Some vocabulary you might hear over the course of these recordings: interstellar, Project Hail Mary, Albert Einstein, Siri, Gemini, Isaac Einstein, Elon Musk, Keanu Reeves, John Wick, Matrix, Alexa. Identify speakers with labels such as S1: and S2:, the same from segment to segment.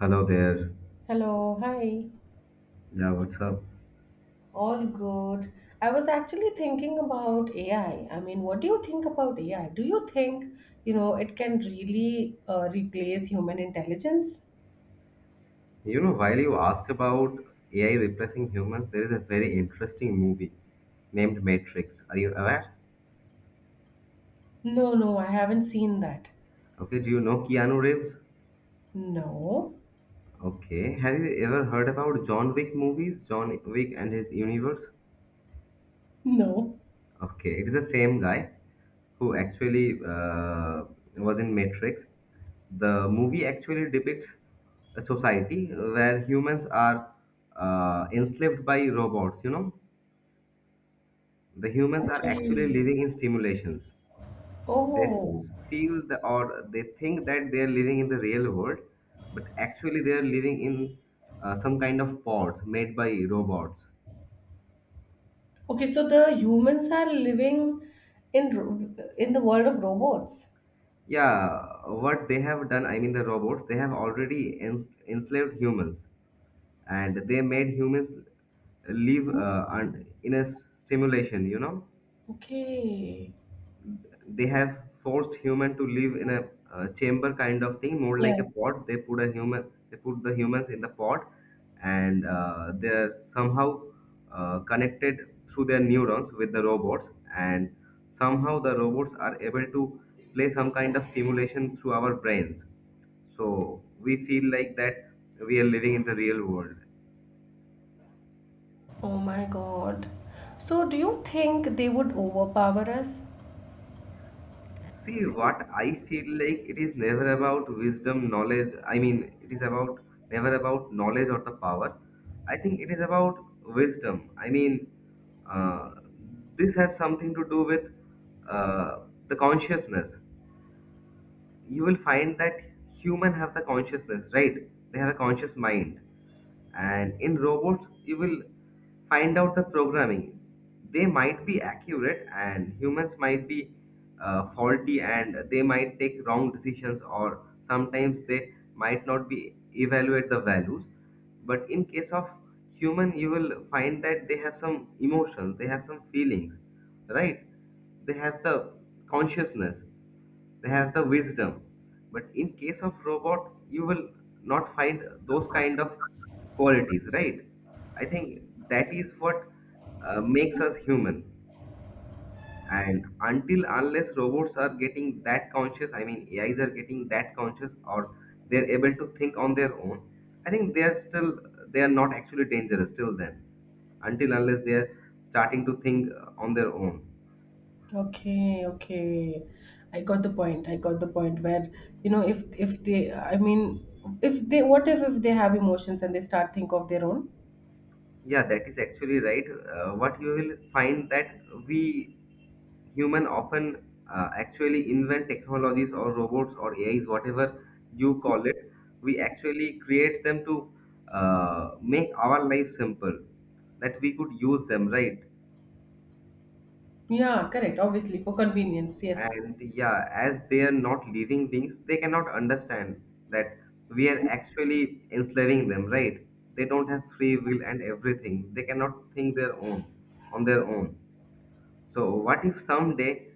S1: Hello there.
S2: Hello, hi.
S1: Yeah, what's up?
S2: All good. I was actually thinking about AI. I mean, what do you think about AI? Do you think, it can really replace human intelligence?
S1: You know, while you ask about AI replacing humans, there is a very interesting movie named Matrix. Are you aware?
S2: No, no, I haven't seen that.
S1: Okay, do you know Keanu Reeves?
S2: No,
S1: Okay, have you ever heard about John Wick movies? John Wick and his universe?
S2: no.
S1: Okay, it is the same guy who actually was in Matrix. The movie actually depicts a society where humans are enslaved by robots, you know? The humans are actually
S2: Okay.
S1: living in simulations. They
S2: Oh,
S1: feel the, or they think that they are living in the real world, but actually they are living in some kind of pods made by robots.
S2: okay. So the humans are living in in the world of robots.
S1: Yeah, what they have done, I mean the robots, they have already enslaved humans, and they made humans live in a stimulation. You know.
S2: Okay.
S1: They have forced human to live in a chamber kind of thing, more like a
S2: Yeah.
S1: pot. They put a human, they put the humans in the pot, and they're somehow connected through their neurons with the robots, and somehow the robots are able to play some kind of stimulation through our brains, so we feel like that we are living in the real world.
S2: Oh my God. So do you think they would overpower us?
S1: See, what I feel like, it is never about wisdom, knowledge. I mean, it is about, never about knowledge or the power. I think it is about wisdom. I mean, uh, this has something to do with uh, the consciousness. You will find that human have the consciousness, right? They have a conscious mind. And in robots you will find out the programming. They might be accurate and humans might be faulty, and they might take wrong decisions, or sometimes they might not be evaluate the values. But in case of human, you will find that they have some emotions, they have some feelings, right? They have the consciousness, they have the wisdom. But in case of robot, you will not find those kind of qualities, right? I think that is what makes us human. And until unless robots are getting that conscious, I mean AIs are getting that conscious or they're able to think on their own, I think they are not actually dangerous till then. Until unless they are starting to think on their own.
S2: Okay, okay. I got the point. I got the point where, you know, if they, what if they have emotions and they start think of their own?
S1: Yeah, that is actually right. What you will find that we human often actually invent technologies or robots or AIs, whatever you call it. We actually create them to make our life simple, that we could use them, right?
S2: Yeah, correct. Obviously, for convenience, yes.
S1: And yeah, as they are not living beings, they cannot understand that we are actually enslaving them, right? They don't have free will and everything. They cannot think their own, on their own. So what if someday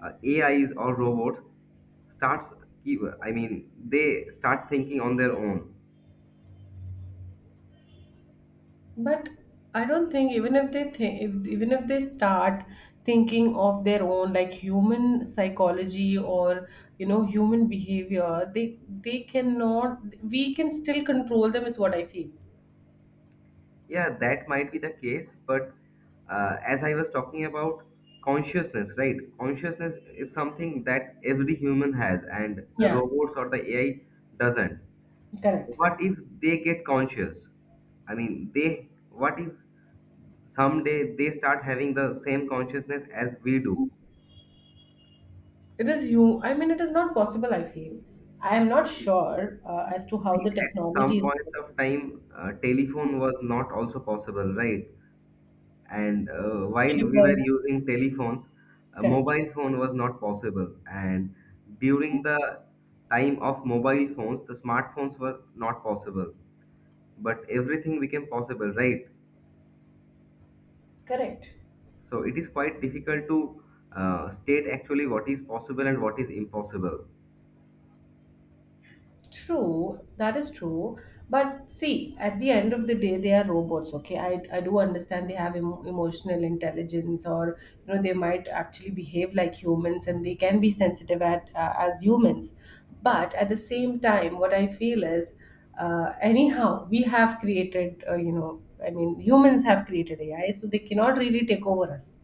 S1: AIs or robots starts keep, I mean they start thinking on their own?
S2: But I don't think even if they think, if, even if they start thinking of their own, like human psychology or you know human behavior, they cannot. We can still control them, is what I feel.
S1: Yeah, that might be the case, but as I was talking about consciousness, right? Consciousness is something that every human has, and the
S2: Yeah,
S1: robots or the AI doesn't.
S2: correct.
S1: What if they get conscious? I mean, they. What if someday they start having the same consciousness as we do?
S2: It is not possible, I feel. I am not sure as to how the
S1: See, at
S2: technology
S1: some
S2: is
S1: point of time, telephone was not also possible, right? And while we were
S2: because
S1: using telephones, a
S2: correct.
S1: mobile phone was not possible. And during the time of mobile phones, the smartphones were not possible. But everything became possible, right?
S2: Correct.
S1: So it is quite difficult to state actually what is possible and what is impossible.
S2: True, that is true. But see, at the end of the day, they are robots. Okay, I do understand they have emotional intelligence, or you know, they might actually behave like humans, and they can be sensitive at as humans. But at the same time, what I feel is, anyhow, we have created, you know, I mean, humans have created AI, so they cannot really take over us.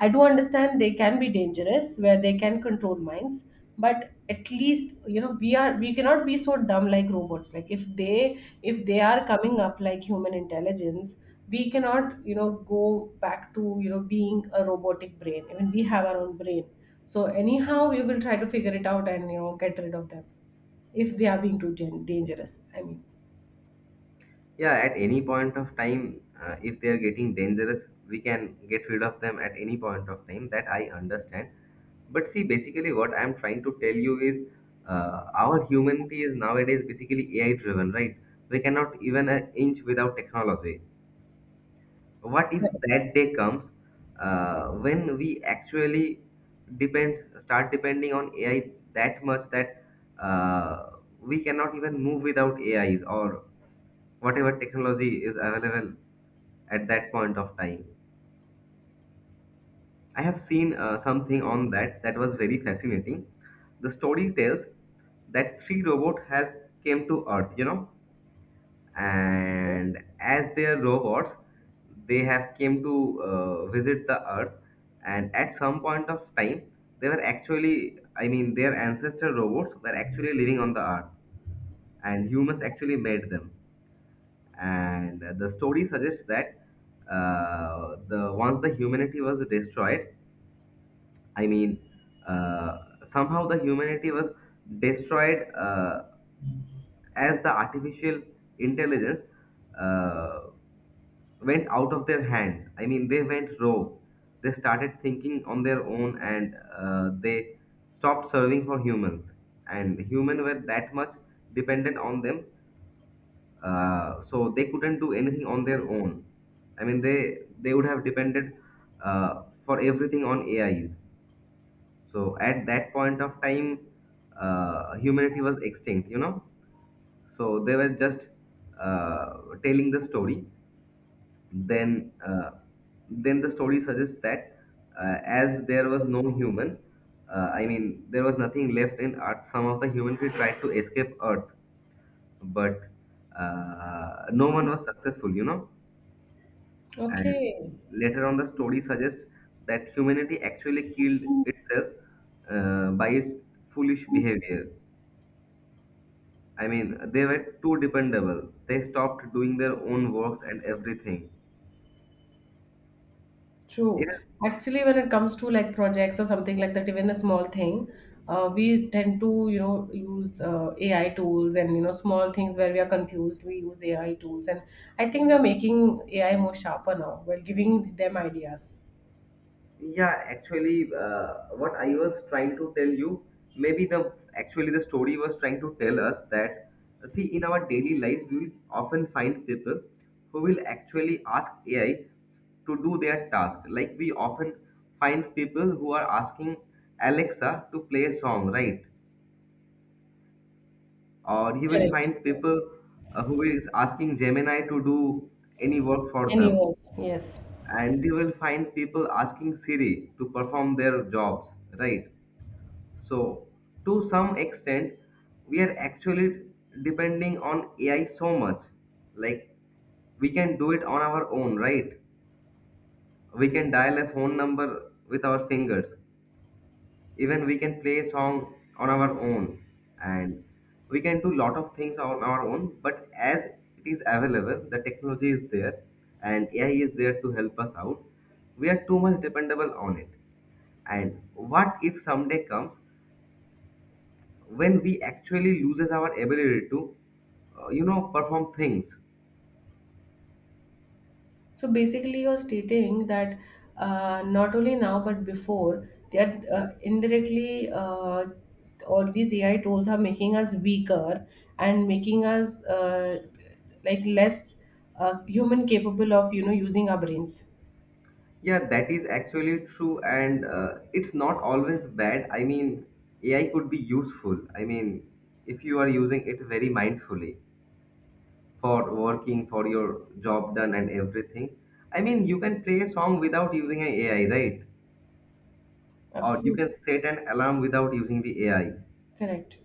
S2: I do understand they can be dangerous where they can control minds, but at least you know we cannot be so dumb like robots. Like if they are coming up like human intelligence, we cannot you know go back to you know being a robotic brain. I mean we have our own brain. So anyhow, we will try to figure it out and you know get rid of them if they are being too dangerous. I mean,
S1: Yeah, at any point of time, if they are getting dangerous, we can get rid of them at any point of time, that I understand. But see, basically what I'm trying to tell you is our humanity is nowadays basically AI driven, right? We cannot even an inch without technology. What if
S2: correct.
S1: that day comes when we actually depends start depending on AI that much that uh, we cannot even move without AIs or whatever technology is available. At that point of time, I have seen something on that that was very fascinating. The story tells that three robot has came to earth, you know, and as they are robots, they have came to visit the earth. And at some point of time, they were actually, I mean their ancestor robots were actually living on the earth, and humans actually made them. And the story suggests that the once the humanity was destroyed, I mean uh, somehow the humanity was destroyed as the artificial intelligence uh, went out of their hands. I mean, they went rogue. They started thinking on their own, and they stopped serving for humans. And humans were that much dependent on them, so they couldn't do anything on their own. I mean, they would have depended for everything on AIs. So at that point of time, humanity was extinct. You know, so they were just uh, telling the story. Then then the story suggests that as there was no human, I mean there was nothing left in earth, some of the humanity tried to escape earth, but no one was successful, you know. And
S2: Okay.
S1: later on the story suggests that humanity actually killed itself by its foolish behavior. I mean they were too dependable, they stopped doing their own works and everything. It.
S2: True. Actually, when it comes to like projects or something like that, even a small thing, we tend to, you know, use AI tools and, you know, small things where we are confused, we use AI tools. And I think we are making AI more sharper now. We're giving them ideas.
S1: Yeah, actually, what I was trying to tell you, maybe the actually the story was trying to tell us that, see, in our daily lives, we will often find people who will actually ask AI to do their task. Like we often find people who are asking Alexa to play a song, right? Or he will
S2: Correct.
S1: find people who is asking Gemini to do any work for them,
S2: Anyone. Yes.
S1: and you will find people asking Siri to perform their jobs, right? So, to some extent, we are actually depending on AI so much. Like, we can do it on our own, right? We can dial a phone number with our fingers. Even we can play a song on our own. And we can do lot of things on our own. But as it is available, the technology is there and AI is there to help us out. We are too much dependable on it. And what if someday comes when we actually loses our ability to you know perform things.
S2: So basically, you're stating that not only now but before they are indirectly all these AI tools are making us weaker and making us like less human capable of you know using our brains.
S1: Yeah, that is actually true, and it's not always bad. I mean, AI could be useful. I mean, if you are using it very mindfully for working for your job done and everything, I mean you can play a song without using an AI, right? Or you
S2: Absolutely
S1: can set an alarm without using the AI.
S2: correct.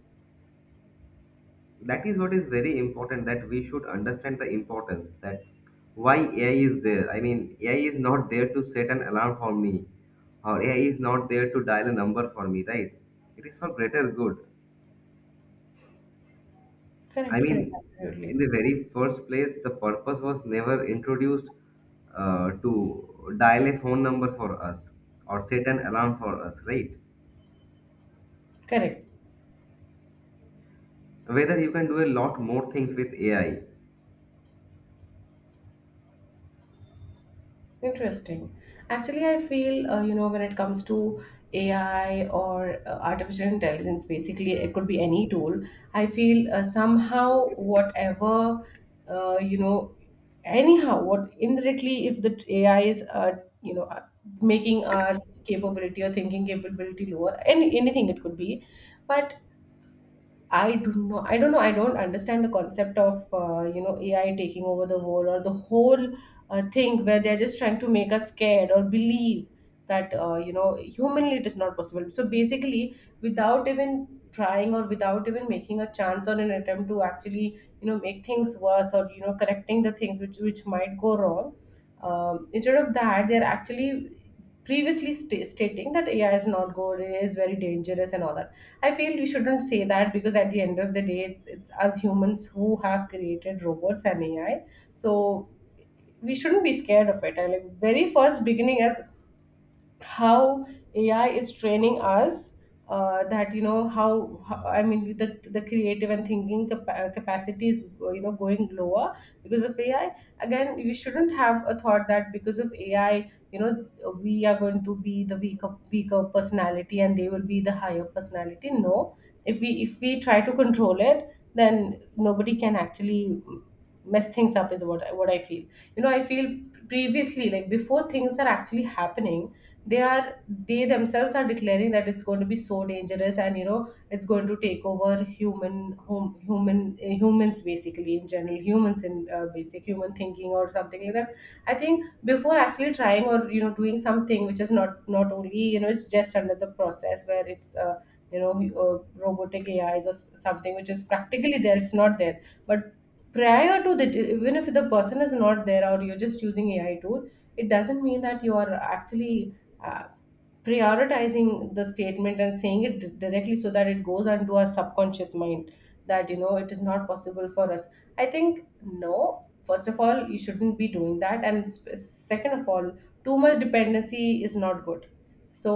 S1: That is what is very important, that we should understand the importance that why AI is there. I mean AI is not there to set an alarm for me, or AI is not there to dial a number for me, right? It is for greater good. I
S2: Correct.
S1: mean
S2: Correct.
S1: in
S2: Absolutely
S1: the very first place the purpose was never introduced to dial a phone number for us or set an alarm for us, right?
S2: correct.
S1: Whether you can do a lot more things with AI.
S2: Interesting. Actually, I feel, you know, when it comes to AI or artificial intelligence, basically, it could be any tool. I feel somehow, whatever, you know, anyhow, what indirectly, if the AI is, you know, making our capability or thinking capability lower, anything it could be. But I do not. I don't know. I don't understand the concept of you know AI taking over the world or the whole thing where they're just trying to make us scared or believe that you know humanly it is not possible. So basically, without even trying or without even making a chance or an attempt to actually you know make things worse or you know correcting the things which might go wrong, instead of that, they're actually previously stating that AI is not good, A I is very dangerous, and all that. I feel we shouldn't say that because at the end of the day, it's us humans who have created robots and AI. So we shouldn't be scared of it. And like very first beginning, as how AI is training us that you know how I mean the creative and thinking capacity is you know going lower because of AI. Again, we shouldn't have a thought that because of AI, you know, we are going to be the weaker personality and they will be the higher personality. No, if we try to control it, then nobody can actually mess things up is what what I feel. You know, I feel previously like before things are actually happening they themselves are declaring that it's going to be so dangerous and you know it's going to take over humans, basically in general humans in basic human thinking or something like that. I think before actually trying or you know doing something which is not only you know it's just under the process where it's you know uh, robotic AIs or something which is practically there, it's not there, but prior to that, even if the person is not there or you're just using AI tool, it doesn't mean that you are actually uh, prioritizing the statement and saying it directly so that it goes onto our subconscious mind that you know it is not possible for us. I think no, first of all you shouldn't be doing that, and second of all too much dependency is not good. So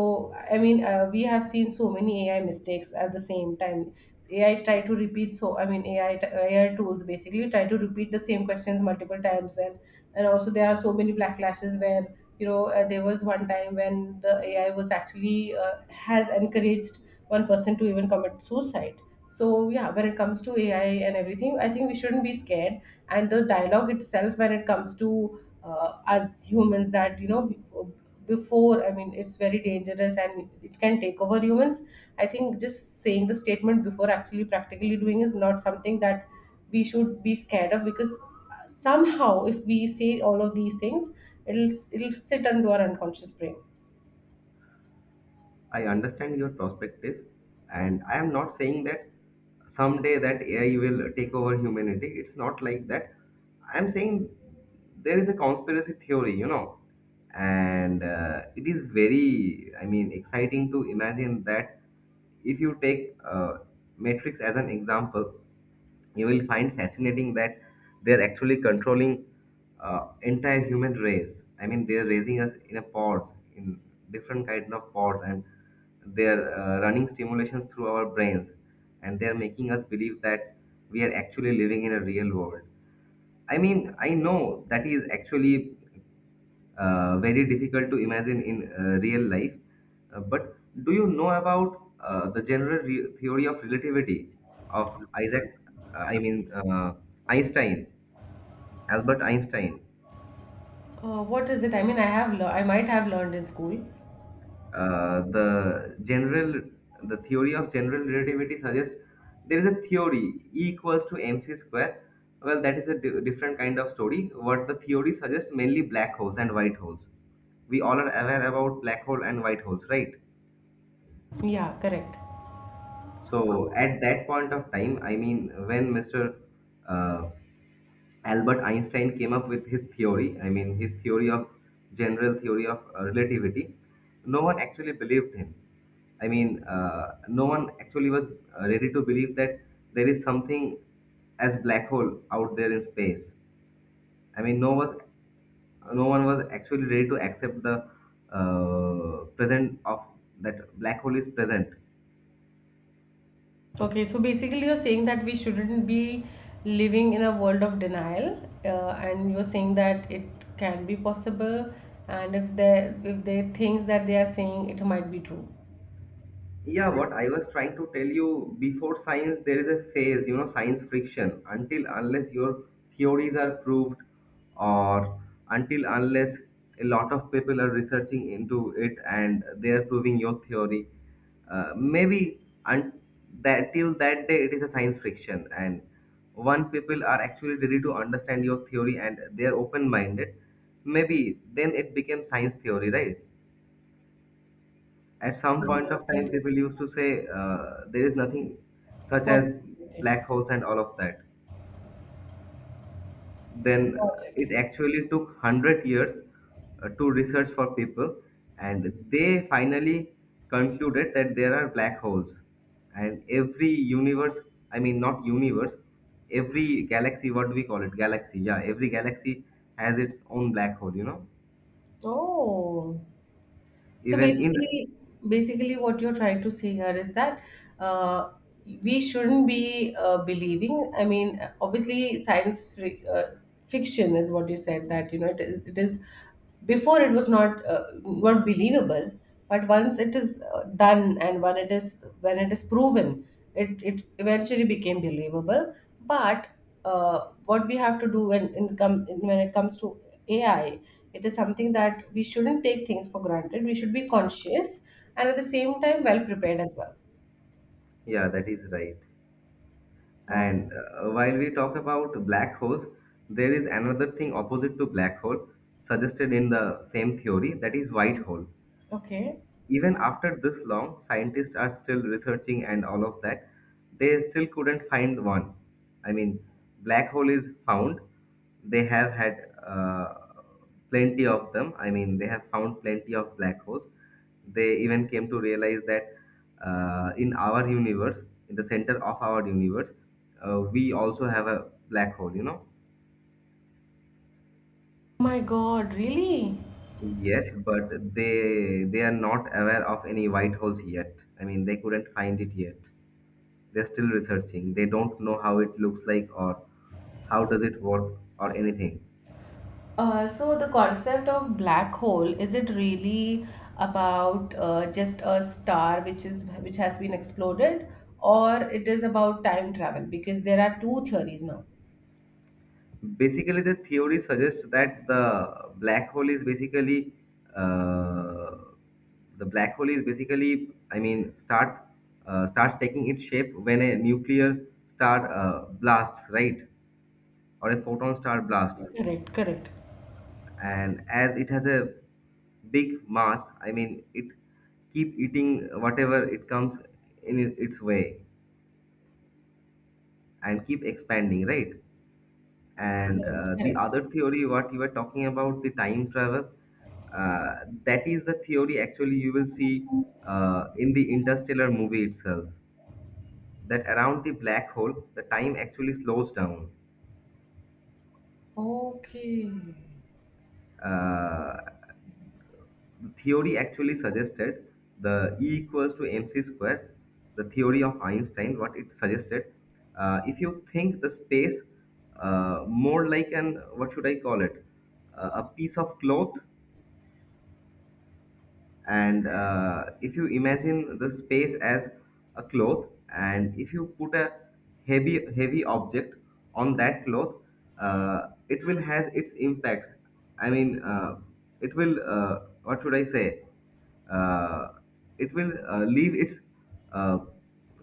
S2: I mean we have seen so many AI mistakes at the same time. AI try to repeat, so I mean AI tools basically try to repeat the same questions multiple times, and also there are so many backlashes where you know there was one time when the AI was actually has encouraged one person to even commit suicide. So yeah, when it comes to AI and everything, I think we shouldn't be scared. And the dialogue itself, when it comes to us humans, that you know before I mean it's very dangerous and it can take over humans. I think just saying the statement before actually practically doing is not something that we should be scared of, because somehow if we say all of these things, it'll sit into our unconscious brain.
S1: I understand your perspective, and I am not saying that someday that AI will take over humanity. It's not like that. I'm saying there is a conspiracy theory, you know, and it is very, I mean, exciting to imagine that if you take Matrix as an example, you will find fascinating that they're actually controlling entire human race. I mean, they're raising us in a pods, in different kind of pods, and they're running stimulations through our brains, and they're making us believe that we are actually living in a real world. I mean, I know that is actually very difficult to imagine in real life. But do you know about the theory of relativity of Isaac, uh, I mean uh, Einstein, Albert Einstein?
S2: What is it? I mean, I have lear I might have learned in school.
S1: The general, the theory of general relativity suggests there is a theory E equals to mc square. Well, that is a different kind of story. What the theory suggests mainly black holes and white holes. We all are aware about black hole and white holes, right?
S2: Yeah, correct.
S1: So at that point of time, I mean, when Mr. Uh, Albert Einstein came up with his theory, I mean, his theory of general theory of relativity, no one actually believed him. I mean, no one actually was ready to believe that there is something as black hole out there in space. I mean, no one was actually ready to accept the present of that black hole is present.
S2: Okay, so basically you're saying that we shouldn't be living in a world of denial, and you're saying that it can be possible, and if they things that they are saying, it might be true.
S1: Yeah, what I was trying to tell you, before science, there is a phase, you know, science friction. Until unless your theories are proved, or until unless a lot of people are researching into it and they are proving your theory, uh, maybe un- that till that day it is a science friction. And one people are actually ready to understand your theory and they are open minded, maybe then it became science theory, right? At some point of
S2: Yeah, I
S1: time,
S2: do.
S1: people used to say there is nothing such as
S2: Possibility.
S1: black holes and all of that. Then
S2: Got
S1: it
S2: it.
S1: actually took 100 years to research for people, and they finally concluded that there are black holes. And every universe, I mean, not universe, every galaxy, what do we call it? Galaxy, yeah, every galaxy has its own black hole, you know?
S2: Oh, so
S1: Even in,
S2: basically, basically, what you're trying to say here is that uh, we shouldn't be believing. I mean, obviously, science fric fiction is what you said that you know it is. It is before it was not not believable, but once it is done and when it is proven, it eventually became believable. But what we have to do when when it comes to AI. It is something that we shouldn't take things for granted. We should be conscious and at the same time well prepared as well.
S1: yeah, that is right.
S2: Oh,
S1: And while we talk about black holes, there is another thing opposite to black hole suggested in the same theory that is white hole,
S2: okay.
S1: even after this long, scientists are still researching and all of that. They still couldn't find one. I mean, black hole is found. They have had plenty of them. I mean, they have found plenty of black holes. They even came to realize that in our universe, in the center of our universe, we also have a black hole, you know.
S2: My God, really?
S1: Yes, but they are not aware of any white holes yet. I mean, they couldn't find it yet. They're still researching, they don't know how it looks like, or how does it work, or anything.
S2: So the concept of black hole, is it really about just a star which is which has been exploded, or it is about time travel? Because there are two theories now.
S1: Basically the theory suggests that the black hole is basically uh, the black hole is basically I mean start starts taking its shape when a nuclear star blasts, right, or a photon star blasts,
S2: Correct, correct,
S1: and as it has a big mass, I mean it keep eating whatever it comes in its way and keep expanding, right. And
S2: correct,
S1: the
S2: correct.
S1: other theory what you were talking about, the time travel, uh, that is a theory actually you will see in the Interstellar movie itself, that around the black hole the time actually slows down.
S2: Okay.
S1: uh, the theory actually suggested the E equals to mc square, the theory of Einstein, what it suggested. If you think the space more like an, what should I call it, a piece of cloth, and if you imagine the space as a cloth and if you put a heavy object on that cloth, it will has its impact. I mean it will what should I say, uh, it will leave its uh,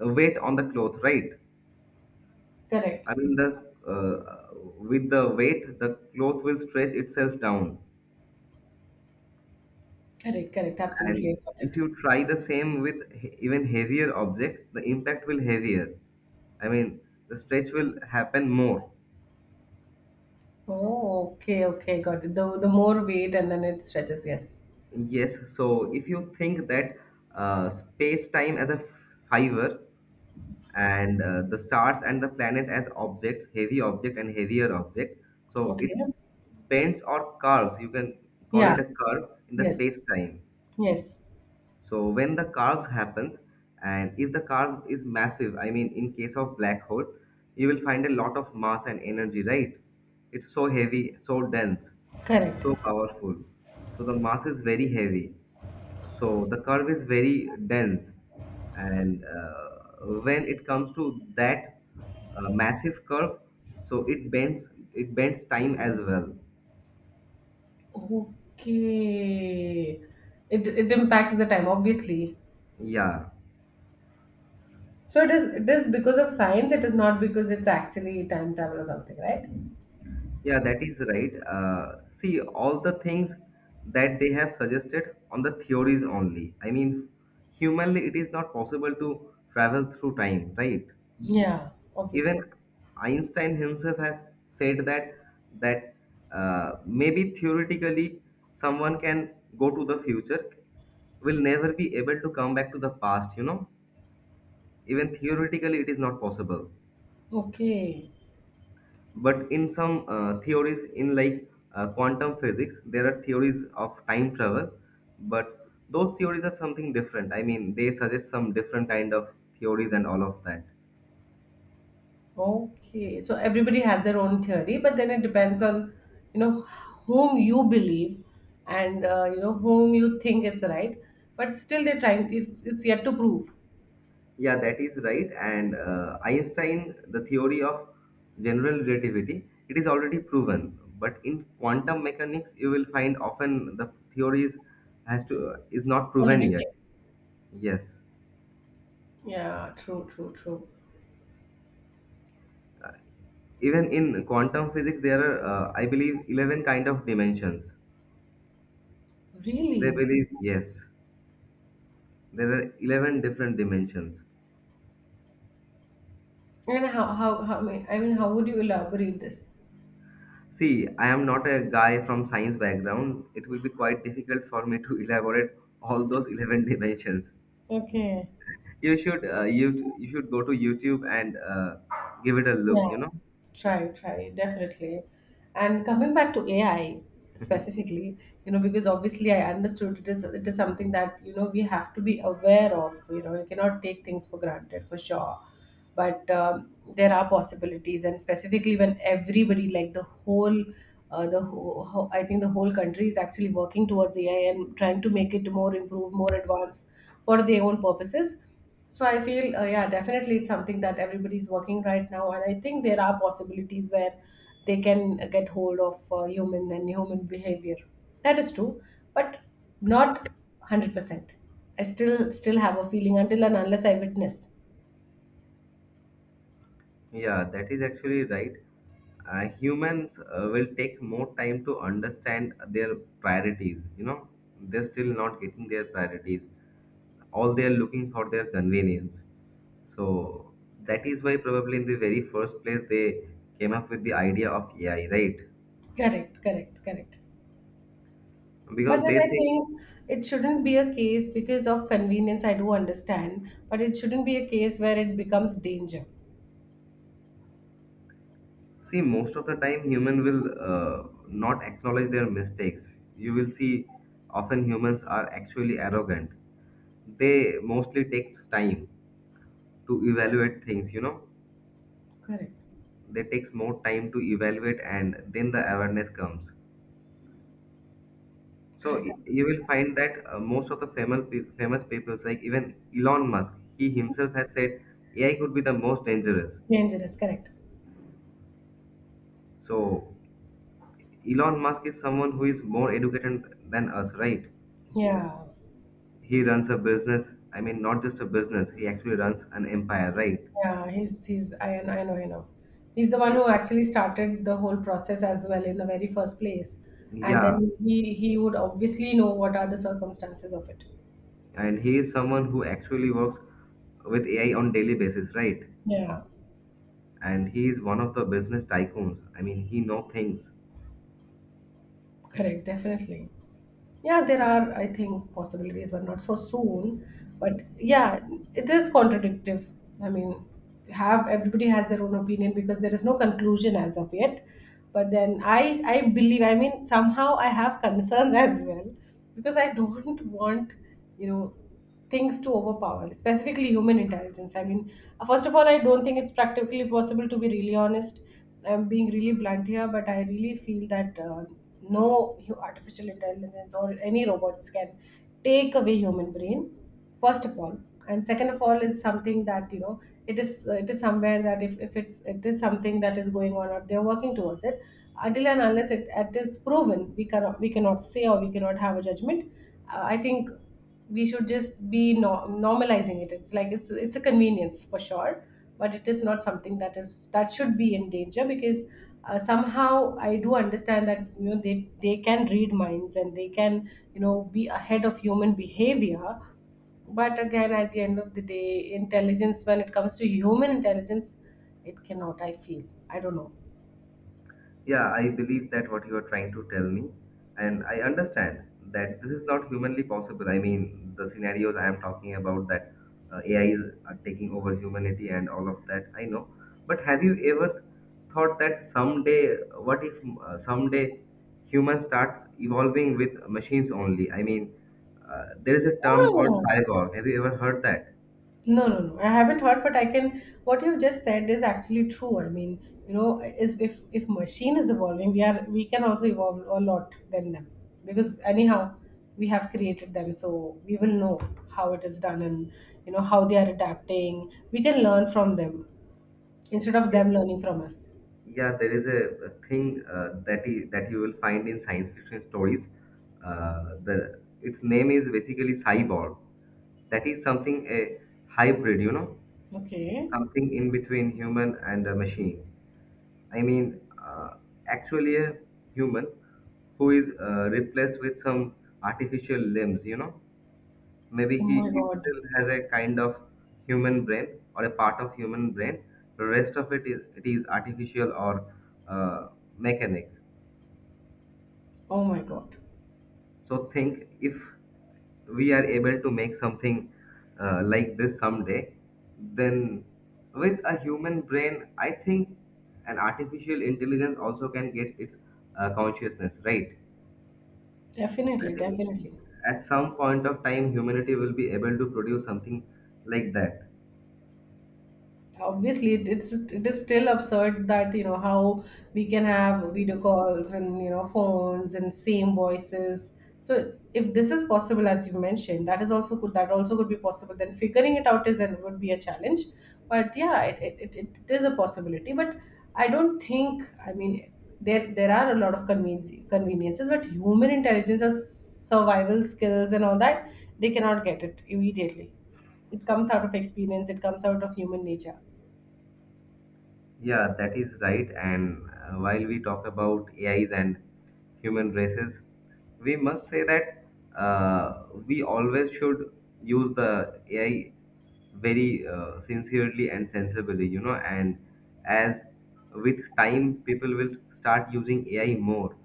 S1: weight on the cloth, right.
S2: Correct.
S1: I mean the, with the weight the cloth will stretch itself down.
S2: Correct, correct. Absolutely, I
S1: And
S2: got
S1: if
S2: it.
S1: you try the same with even heavier object, the impact will heavier. I mean, the stretch will happen more.
S2: Oh, okay, okay, got it. The more weight and then it stretches, yes.
S1: Yes, so if you think that space time as a fiber, and the stars and the planet as objects, heavy object and heavier object, so it
S2: Okay.
S1: bends or curves, you can call
S2: Yeah,
S1: it a curve in the
S2: yes,
S1: space time.
S2: yes.
S1: So when the curves happens, and if the curve is massive, I mean, in case of black hole, you will find a lot of mass and energy, right? It's so heavy, so dense,
S2: Correct.
S1: so powerful. So the mass is very heavy. So the curve is very dense, and when it comes to that massive curve, so it bends time as well.
S2: Okay. It impacts the time, obviously.
S1: Yeah.
S2: So it is because of science, it is not because it's actually time travel or something, right?
S1: Yeah, that is right. See, all the things that they have suggested on the theories only. I mean, humanly, it is not possible to travel through time, right?
S2: Yeah, obviously.
S1: Even Einstein himself has said that maybe theoretically someone can go to the future, will never be able to come back to the past. You know, even theoretically, it is not possible.
S2: Okay.
S1: But in some theories in like quantum physics, there are theories of time travel, but those theories are something different. I mean, they suggest some different kind of theories and all of that.
S2: Okay, so everybody has their own theory, but then it depends on, you know, whom you believe and you know whom you think is right. But still, they're trying. It's yet to prove.
S1: Yeah, that is right. And Einstein, the theory of general relativity, it is already proven, but in quantum mechanics you will find often the theories has to is not proven yet.
S2: Contradicting.
S1: Yes,
S2: Yeah, true, true, true.
S1: even in quantum physics there are, I believe, 11 kind of dimensions. They
S2: Really?
S1: believe, yes, there are 11 different dimensions.
S2: And how I mean, how would you elaborate this?
S1: See, I am not a guy from science background. It will be quite difficult for me to elaborate all those 11 dimensions.
S2: Okay.
S1: You should you should go to YouTube and give it a look,
S2: Yeah,
S1: you know.
S2: try, try, definitely. And coming back to AI specifically, you know, because obviously I understood it is something that, you know, we have to be aware of. You know, you cannot take things for granted for sure. But there are possibilities, and specifically when everybody, like the whole, I think the whole country is actually working towards AI and trying to make it more improved, more advanced for their own purposes. So I feel, yeah, definitely it's something that everybody's working right now, and I think there are possibilities where they can get hold of human and human behavior. That is true, but not 100%. I still still have a feeling until and unless I witness.
S1: Yeah, that is actually right. Humans will take more time to understand their priorities. You know, they're still not getting their priorities. All they are looking for their convenience. So that is why probably in the very first place they came up with the idea of AI, right?
S2: Correct, correct, correct. But
S1: Because
S2: then
S1: they
S2: I
S1: think,
S2: think it shouldn't be a case because of convenience. I do understand, but it shouldn't be a case where it becomes danger.
S1: see, most of the time, human will not acknowledge their mistakes. You will see often humans are actually arrogant. They mostly takes time to evaluate things, you know.
S2: Correct,
S1: They takes more time to evaluate and then the awareness comes. So
S2: correct.
S1: you will find that most of the famous people, like even Elon Musk, he himself has said AI could be the most dangerous.
S2: Dangerous, correct.
S1: So Elon Musk is someone who is more educated than us, right?
S2: Yeah.
S1: He runs a business. I mean, not just a business. He actually runs an empire, right?
S2: Yeah, he's I know, I know. He's the one who actually started the whole process as well in the very first place. And
S1: Yeah,
S2: then he would obviously know what are the circumstances of it.
S1: and he is someone who actually works with AI on daily basis, right?
S2: Yeah.
S1: And he is one of the business tycoons. I mean, he know things.
S2: Correct, definitely. Yeah, there are, I think, possibilities, but not so soon. But yeah, it is contradictive. I mean, have everybody has their own opinion because there is no conclusion as of yet. But then I believe, I mean, somehow I have concerns as well because I don't want, you know, things to overpower, specifically human intelligence. I mean, first of all, I don't think it's practically possible to be really honest. I'm being really blunt here, but I really feel that no hu- artificial intelligence or any robots can take away human brain. First of all, and second of all, it's something that you know, it is somewhere that if it is something that is going on or they're working towards it until and unless it is proven. We cannot say or we cannot have a judgment. I think we should just be normalizing it. It's like it's a convenience for sure, but it is not something that is that should be in danger because somehow I do understand that you know they can read minds and they can, you know, be ahead of human behavior. But again, at the end of the day, intelligence, when it comes to human intelligence, it cannot, I feel. I don't know.
S1: Yeah, I believe that what you are trying to tell me, and I understand that this is not humanly possible. I mean, the scenarios I am talking about, that AI is taking over humanity and all of that, I know. But have you ever thought that someday, what if someday human starts evolving with machines only? I mean, there is a term called cyborg. Have you ever heard that?
S2: No, no, no. I haven't heard, but I can. What you just said is actually true. I mean, you know, is if machine is evolving, we can also evolve a lot than them because anyhow we have created them, so we will know how it is done and you know how they are adapting. We can learn from them instead of them learning from us.
S1: Yeah, there is a thing that you will find in science fiction stories. The its name is basically cyborg. That is something a hybrid, you know,
S2: Okay.
S1: something in between human and a machine. I mean, uh, actually a human who is replaced with some artificial limbs, you know,
S2: Oh
S1: maybe
S2: my
S1: he
S2: god.
S1: still has a kind of human brain or a part of human brain, the rest of it is artificial or uh, mechanic.
S2: Oh my god.
S1: So think if we are able to make something like this someday, then with a human brain I think an artificial intelligence also can get its consciousness, right. I
S2: Definitely, definitely.
S1: think at some point of time humanity will be able to produce something like that.
S2: Obviously, it's, it is still absurd that you know how we can have video calls and you know phones and same voices. So if this is possible, as you mentioned, that is also could, that also could be possible. Then figuring it out is and would be a challenge. But yeah, it it is a possibility, but I don't think, I mean, there are a lot of conveniences, but human intelligence or survival skills and all that, they cannot get it immediately. It comes out of experience, it comes out of human nature.
S1: Yeah, that is right. And while we talk about AIs and human races, we must say that we always should use the AI very sincerely and sensibly, you know. And as with time, people will start using AI more.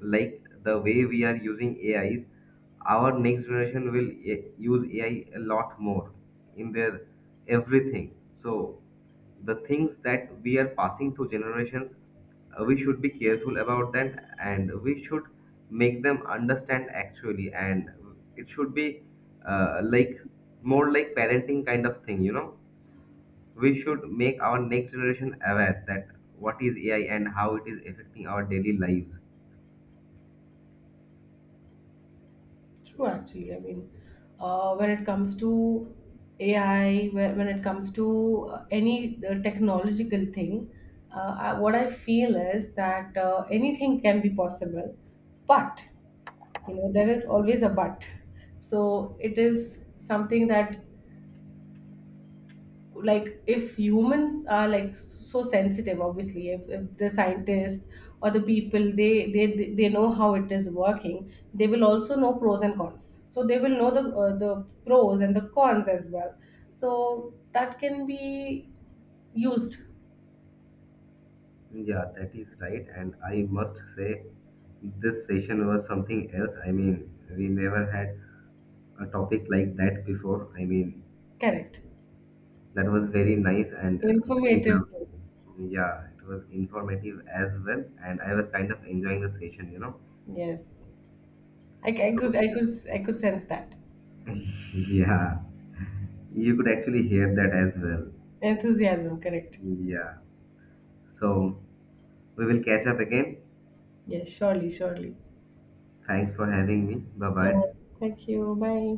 S1: Like the way we are using AIs, our next generation will use AI a lot more in their everything. So the things that we are passing through generations, we should be careful about that, and we should make them understand actually, and it should be like more like parenting kind of thing, you know, we should make our next generation aware that what is AI and how it is affecting our daily lives.
S2: True, actually. I mean, when it comes to AI, when it comes to any technological thing, what I feel is that anything can be possible, but you know, there is always a but. So it is something that, like, if humans are like so sensitive, obviously if the scientists or the people, they know how it is working, they will also know pros and cons, so they will know the pros and the cons as well, so that can be used.
S1: Yeah, that is right, and I must say this session was something else. I mean, we never had a topic like that before. I mean,
S2: Correct.
S1: that was very nice and very
S2: Informative.
S1: lovely. Yeah, it was informative as well, and I was kind of enjoying the session, you know.
S2: Yes. I, I could
S1: So,
S2: i could i could sense that
S1: yeah, you could actually hear that as well.
S2: enthusiasm. Correct.
S1: Yeah. So, we will catch up again.
S2: Yes, surely, surely.
S1: Thanks for having me. Bye
S2: Yeah,
S1: bye.
S2: thank you. Bye.